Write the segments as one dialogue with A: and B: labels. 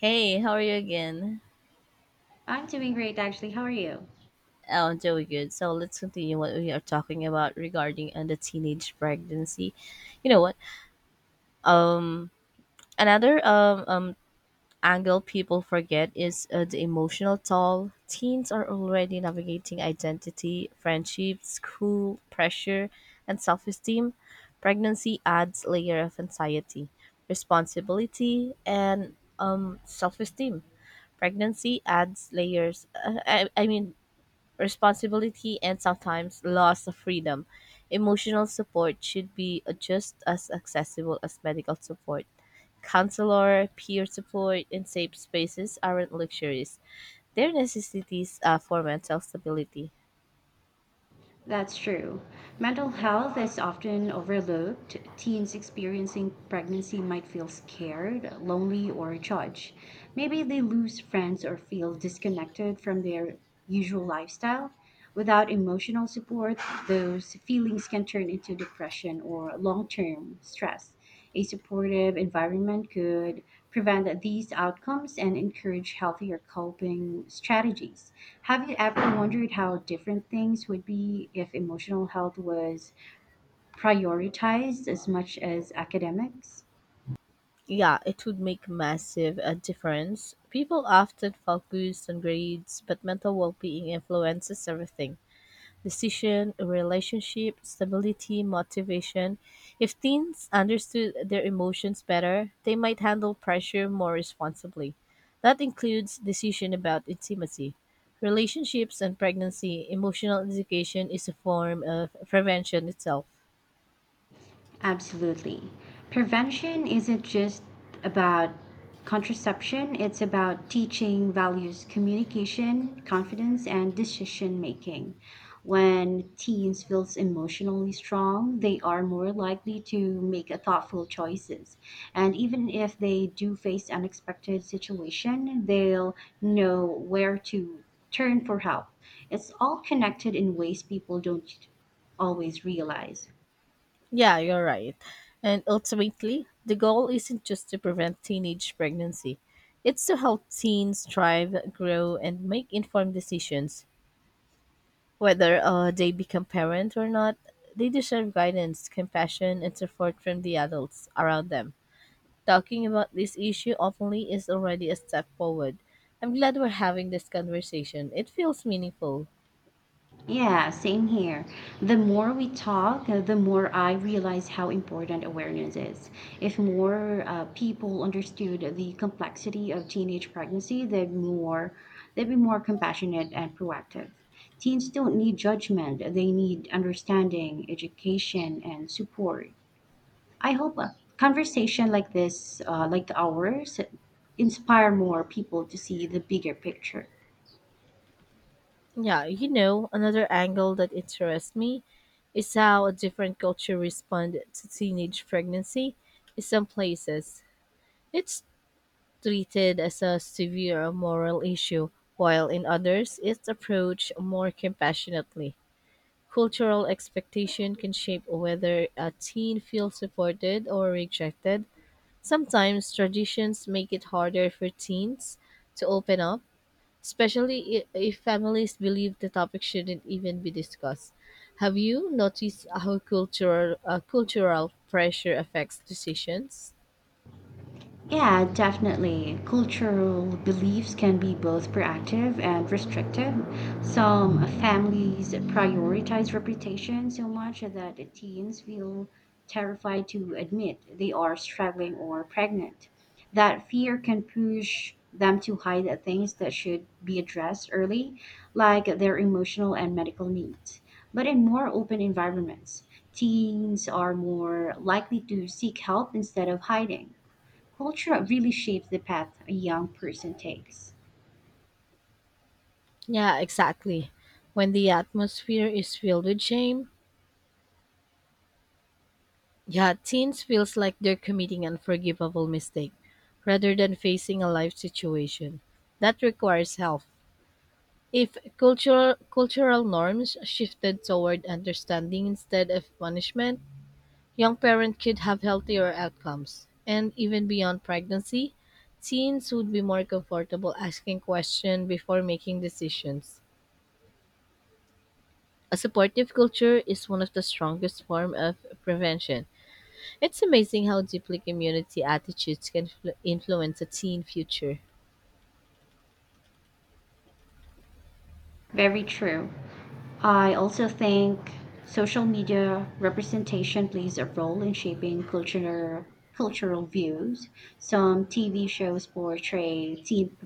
A: Hey, how are you again?
B: I'm doing great, actually. How are you?
A: Oh, I'm doing good. So let's continue what we are talking about regarding the teenage pregnancy. You know what? Another angle people forget is the emotional toll. Teens are already navigating identity, friendship, school, pressure, and self-esteem. Pregnancy adds layer of anxiety, responsibility, and self-esteem pregnancy adds layers I mean responsibility, and sometimes loss of freedom. Emotional support should be just as accessible as medical support. Counselor, peer support, and safe spaces aren't luxuries. They're necessities for mental stability.
B: That's true. Mental health is often overlooked. Teens experiencing pregnancy might feel scared, lonely, or judged. Maybe they lose friends or feel disconnected from their usual lifestyle. Without emotional support, those feelings can turn into depression or long term stress. A supportive environment could prevent these outcomes and encourage healthier coping strategies. Have you ever wondered how different things would be if emotional health was prioritized as much as academics?
A: Yeah, it would make massive a difference. People often focus on grades, but mental well-being influences everything. Decision, relationship, stability, motivation. If teens understood their emotions better, they might handle pressure more responsibly. That includes decision about intimacy, relationships and pregnancy. Emotional education is a form of prevention itself.
B: Absolutely. Prevention isn't just about contraception, it's about teaching values, communication, confidence, and decision making. When teens feels emotionally strong, they are more likely to make a thoughtful choices. And even if they do face unexpected situation, they'll know where to turn for help. It's all connected in ways people don't always realize.
A: Yeah, you're right. And ultimately, the goal isn't just to prevent teenage pregnancy. It's to help teens thrive, grow, and make informed decisions. Whether they become parents or not, they deserve guidance, compassion, and support from the adults around them. Talking about this issue openly is already a step forward. I'm glad we're having this conversation. It feels meaningful.
B: Yeah, same here. The more we talk, the more I realize how important awareness is. If more people understood the complexity of teenage pregnancy, they'd be more compassionate and proactive. Teens don't need judgment; they need understanding, education, and support. I hope a conversation like this, like ours, inspire more people to see the bigger picture.
A: Yeah, you know, another angle that interests me is how a different culture respond to teenage pregnancy in some places. It's treated as a severe moral issue, while in others it's approached more compassionately. Cultural expectation can shape whether a teen feels supported or rejected. Sometimes traditions make it harder for teens to open up, especially if families believe the topic shouldn't even be discussed. Have you noticed how cultural pressure affects decisions?
B: Yeah, definitely. Cultural beliefs can be both proactive and restrictive. Some families prioritize reputation so much that teens feel terrified to admit they are struggling or pregnant. That fear can push them to hide at things that should be addressed early, like their emotional and medical needs. But in more open environments, teens are more likely to seek help instead of hiding. Culture really shapes the path a young person takes.
A: Yeah, exactly. When the atmosphere is filled with shame, yet teens feels like they're committing unforgivable mistake rather than facing a life situation that requires help. If cultural norms shifted toward understanding instead of punishment, young parents could have healthier outcomes. And even beyond pregnancy, teens would be more comfortable asking questions before making decisions. A supportive culture is one of the strongest form of prevention. It's amazing how deeply community attitudes can influence a teen future.
B: Very true. I also think social media representation plays a role in shaping culture, cultural views. Some TV shows portray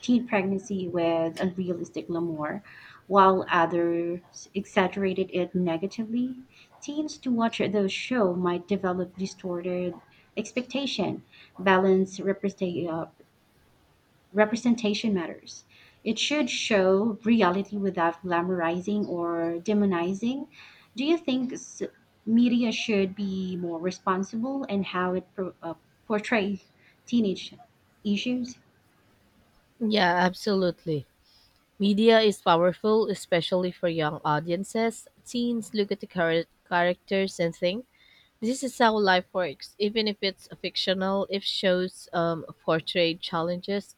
B: teen pregnancy with unrealistic glamour, while others exaggerated it negatively. Teens to watch those shows might develop distorted expectation, balance representation representation matters. It should show reality without glamorizing or demonizing. Do you think media should be more responsible in how it portrays teenage issues?
A: Yeah, absolutely. Media is powerful, especially for young audiences. Teens look at the characters and think, this is how life works, even if it's fictional, if shows portray challenges.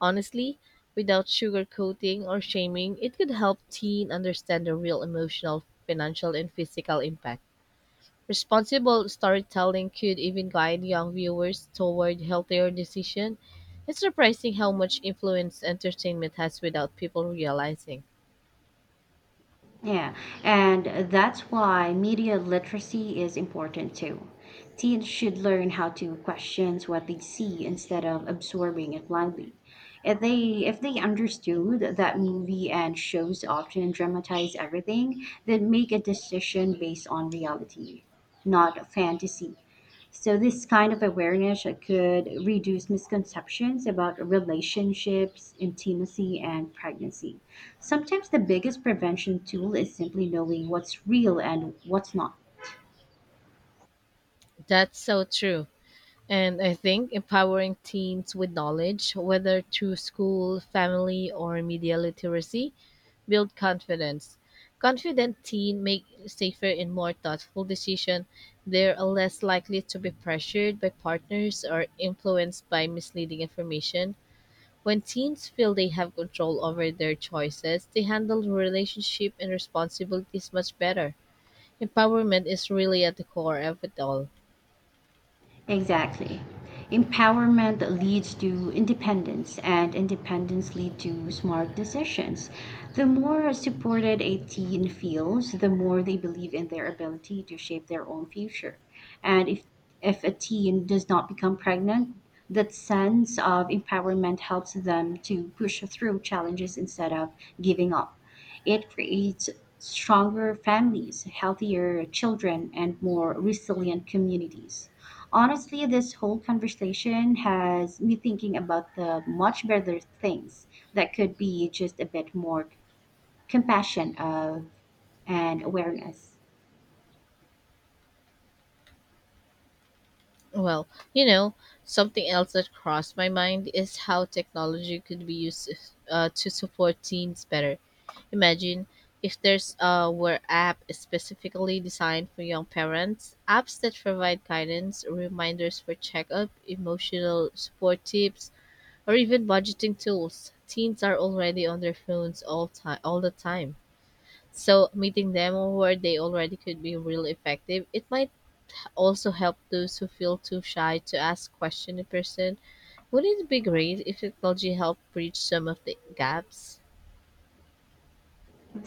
A: Honestly, without sugarcoating or shaming, it could help teen understand the real emotional, financial, and physical impact. Responsible storytelling could even guide young viewers toward healthier decisions. It's surprising how much influence entertainment has without people realizing.
B: Yeah, and that's why media literacy is important too. Teens should learn how to question what they see instead of absorbing it blindly. If they understood that movie and shows often dramatize everything, then make a decision based on reality, not fantasy. So this kind of awareness could reduce misconceptions about relationships, intimacy, and pregnancy. Sometimes the biggest prevention tool is simply knowing what's real and what's not.
A: That's so true. And I think empowering teens with knowledge, whether through school, family, or media literacy, build confidence. Confident teens make safer and more thoughtful decisions. They're less likely to be pressured by partners or influenced by misleading information. When teens feel they have control over their choices, they handle relationship and responsibilities much better. Empowerment is really at the core of it all.
B: Exactly. Empowerment leads to independence, and independence leads to smart decisions. The more supported a teen feels, the more they believe in their ability to shape their own future. And if a teen does not become pregnant, that sense of empowerment helps them to push through challenges instead of giving up. It creates stronger families, healthier children, and more resilient communities. Honestly, this whole conversation has me thinking about the much better things that could be just a bit more compassion of and awareness.
A: Well, you know, something else that crossed my mind is how technology could be used to support teens better. Imagine if there's a were app specifically designed for young parents, apps that provide guidance, reminders for checkup, emotional support tips, or even budgeting tools. Teens are already on their phones all the time. So meeting them where they already could be really effective. It might also help those who feel too shy to ask questions in person. Wouldn't it be great if technology helped bridge some of the gaps?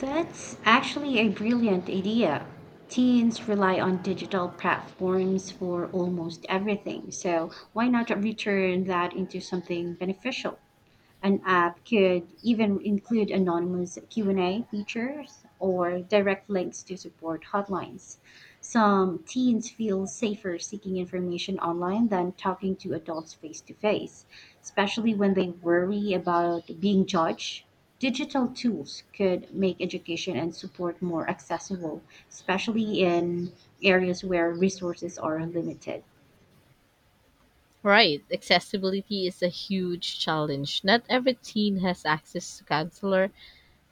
B: That's actually a brilliant idea. Teens rely on digital platforms for almost everything, so why not return that into something beneficial? An app could even include anonymous Q&A features or direct links to support hotlines. Some teens feel safer seeking information online than talking to adults face to face, especially when they worry about being judged. Digital tools could make education and support more accessible, especially in areas where resources are limited.
A: Right, accessibility is a huge challenge. Not every teen has access to counselor,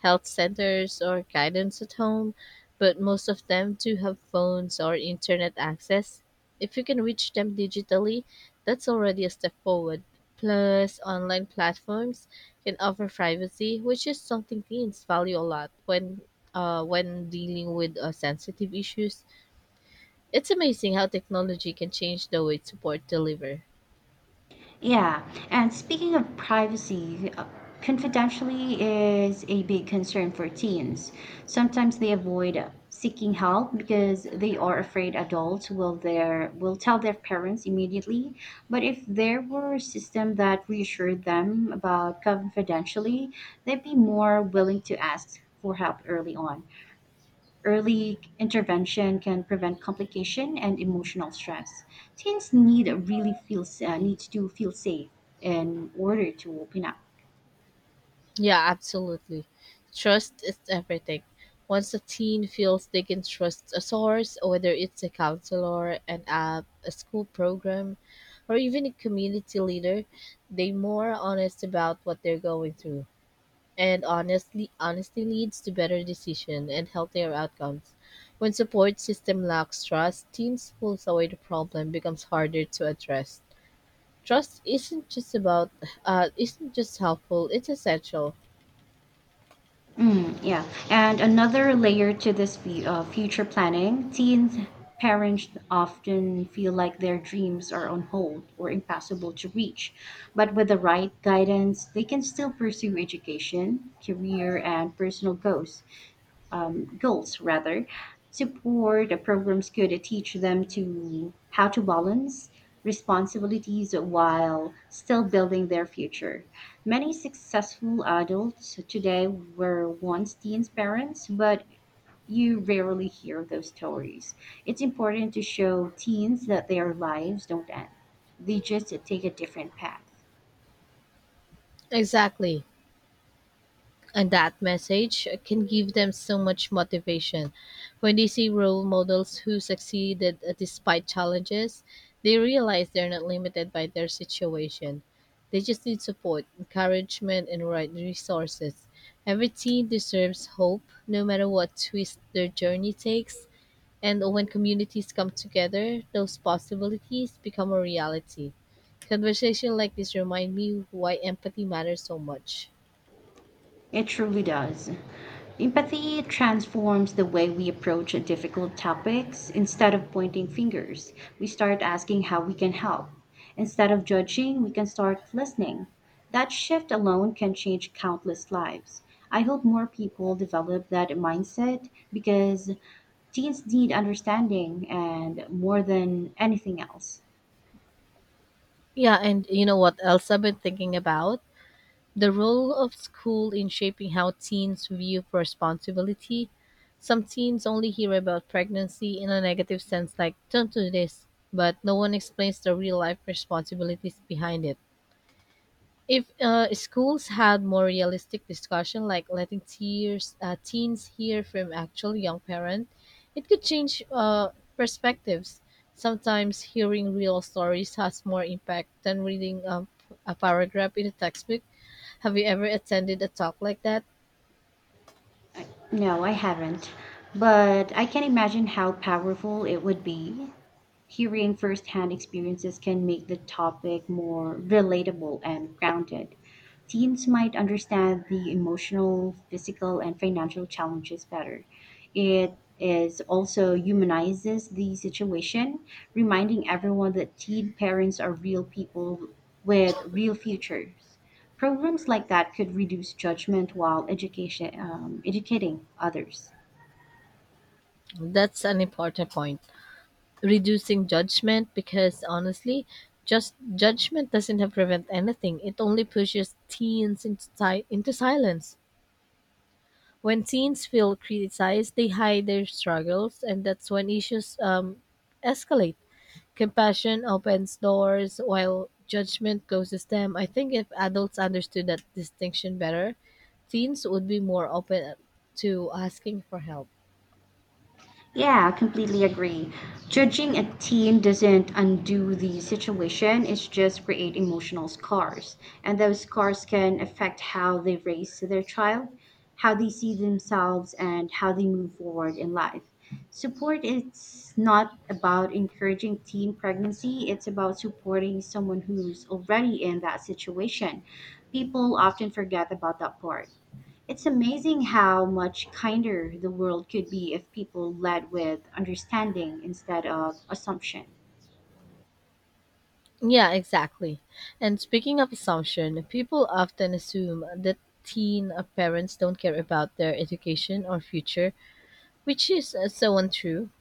A: health centers or guidance at home, but most of them do have phones or internet access. If you can reach them digitally, that's already a step forward. Plus, online platforms can offer privacy, which is something teens value a lot when dealing with sensitive issues. It's amazing how technology can change the way support deliver.
B: Yeah, and speaking of privacy, confidentiality is a big concern for teens. Sometimes they avoid seeking help because they are afraid adults will tell their parents immediately. But if there were a system that reassured them about confidentiality, they'd be more willing to ask for help early on. Early intervention can prevent complication and emotional stress. Teens needs to feel safe in order to open up.
A: Yeah, absolutely. Trust is everything. Once a teen feels they can trust a source, whether it's a counselor, an app, a school program, or even a community leader, they more honest about what they're going through. And honestly, honesty leads to better decision and healthier outcomes. When support system lacks trust, teens pulls away the problem becomes harder to address. Trust isn't just helpful; it's essential.
B: Yeah, and another layer to this future planning, teens parents often feel like their dreams are on hold or impossible to reach. But with the right guidance, they can still pursue education, career, and personal goals. Goals rather support the programs could teach them to how to balance responsibilities while still building their future. Many successful adults today were once teens parents, but you rarely hear those stories. It's important to show teens that their lives don't end, they just take a different path.
A: Exactly. And that message can give them so much motivation. When they see role models who succeeded despite challenges, they realize they're not limited by their situation. They just need support, encouragement, and right resources. Every teen deserves hope, no matter what twist their journey takes. And when communities come together, those possibilities become a reality. Conversation like this remind me why empathy matters so much.
B: It truly does. Empathy transforms the way we approach difficult topics. Instead of pointing fingers, we start asking how we can help. Instead of judging, we can start listening. That shift alone can change countless lives. I hope more people develop that mindset because teens need understanding and more than anything else.
A: Yeah, and you know what else I've been thinking about? The role of school in shaping how teens view responsibility. Some teens only hear about pregnancy in a negative sense, like, don't do this, but no one explains the real life responsibilities behind it. If schools had more realistic discussion, like letting teens hear from actual young parent, it could change perspectives. Sometimes hearing real stories has more impact than reading a paragraph in a textbook. Have you ever attended a talk like that?
B: No, I haven't. But I can imagine how powerful it would be. Hearing firsthand experiences can make the topic more relatable and grounded. Teens might understand the emotional, physical, and financial challenges better. It is also humanizes the situation, reminding everyone that teen parents are real people with real futures. Programs like that could reduce judgment while educating others.
A: That's an important point. Reducing judgment, because honestly, just judgment doesn't have prevent anything. It only pushes teens into silence when teens feel criticized, they hide their struggles, and that's when issues escalate. Compassion opens doors while judgment closes them. I think if adults understood that distinction better, teens would be more open to asking for help.
B: Yeah, completely agree. Judging a teen doesn't undo the situation, it's just create emotional scars. And those scars can affect how they raise their child, how they see themselves, and how they move forward in life. Support is not about encouraging teen pregnancy, it's about supporting someone who's already in that situation. People often forget about that part. It's amazing how much kinder the world could be if people led with understanding instead of assumption.
A: Yeah, exactly. And speaking of assumption, people often assume that teen parents don't care about their education or future, which is so untrue.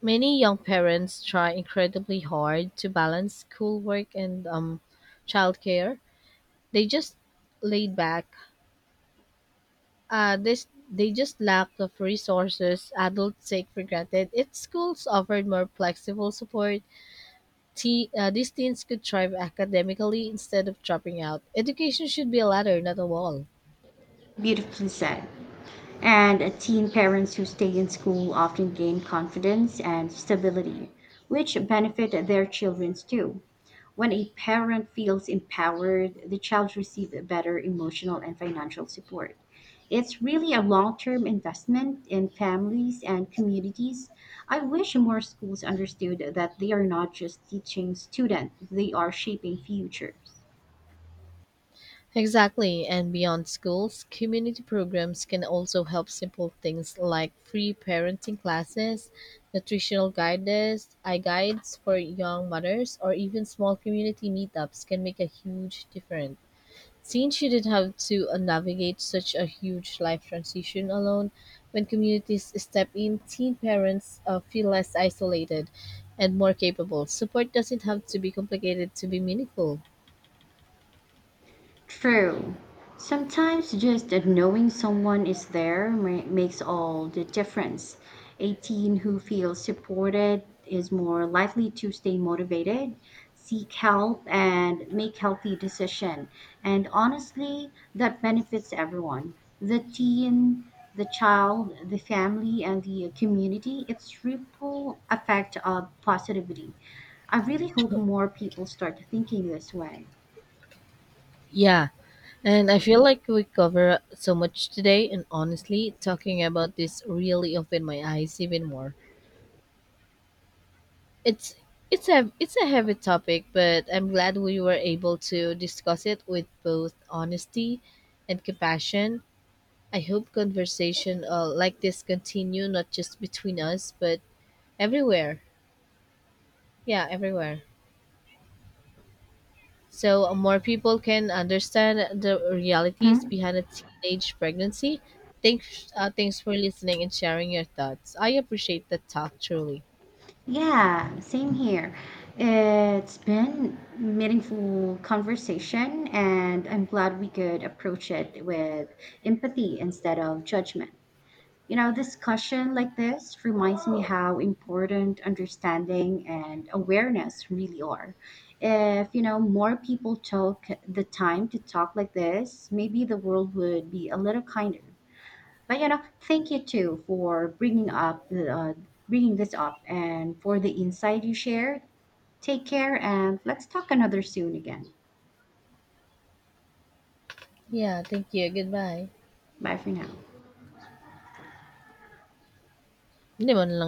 A: Many young parents try incredibly hard to balance schoolwork and childcare. They just laid back. This They just lack of resources adults take for granted. If schools offered more flexible support, these teens could thrive academically instead of dropping out. Education should be a ladder, not a wall.
B: Beautifully said. And teen parents who stay in school often gain confidence and stability, which benefit their children too. When a parent feels empowered, the child receives better emotional and financial support. It's really a long term investment in families and communities. I wish more schools understood that they are not just teaching students, they are shaping futures.
A: Exactly, and beyond schools, community programs can also help simple things like free parenting classes, nutritional guides, I guides for young mothers, or even small community meetups can make a huge difference. Since she didn't have to navigate such a huge life transition alone, when communities step in, teen parents feel less isolated and more capable. Support doesn't have to be complicated to be meaningful.
B: True. Sometimes just that knowing someone is there makes all the difference. A teen who feels supported is more likely to stay motivated, seek help, and make healthy decision. And honestly, that benefits everyone. The teen, the child, the family, and the community. It's ripple effect of positivity. I really hope more people start thinking this way.
A: Yeah, and I feel like we cover so much today and honestly talking about this really opened my eyes even more. It's it's a heavy topic, but I'm glad we were able to discuss it with both honesty and compassion. I hope conversation like this continue not just between us but everywhere. Yeah, everywhere, so more people can understand the realities behind a teenage pregnancy. Thanks for listening and sharing your thoughts. I appreciate the talk truly.
B: Yeah, same here. It's been meaningful conversation, and I'm glad we could approach it with empathy instead of judgment. You know, discussion like this reminds me how important understanding and awareness really are. If, you know, more people took the time to talk like this, maybe the world would be a little kinder. But you know, thank you too for bringing up bringing this up and for the insight you shared. Take care and let's talk another soon again.
A: Yeah, thank you. Goodbye.
B: Bye for now.
A: Hindi mo na lang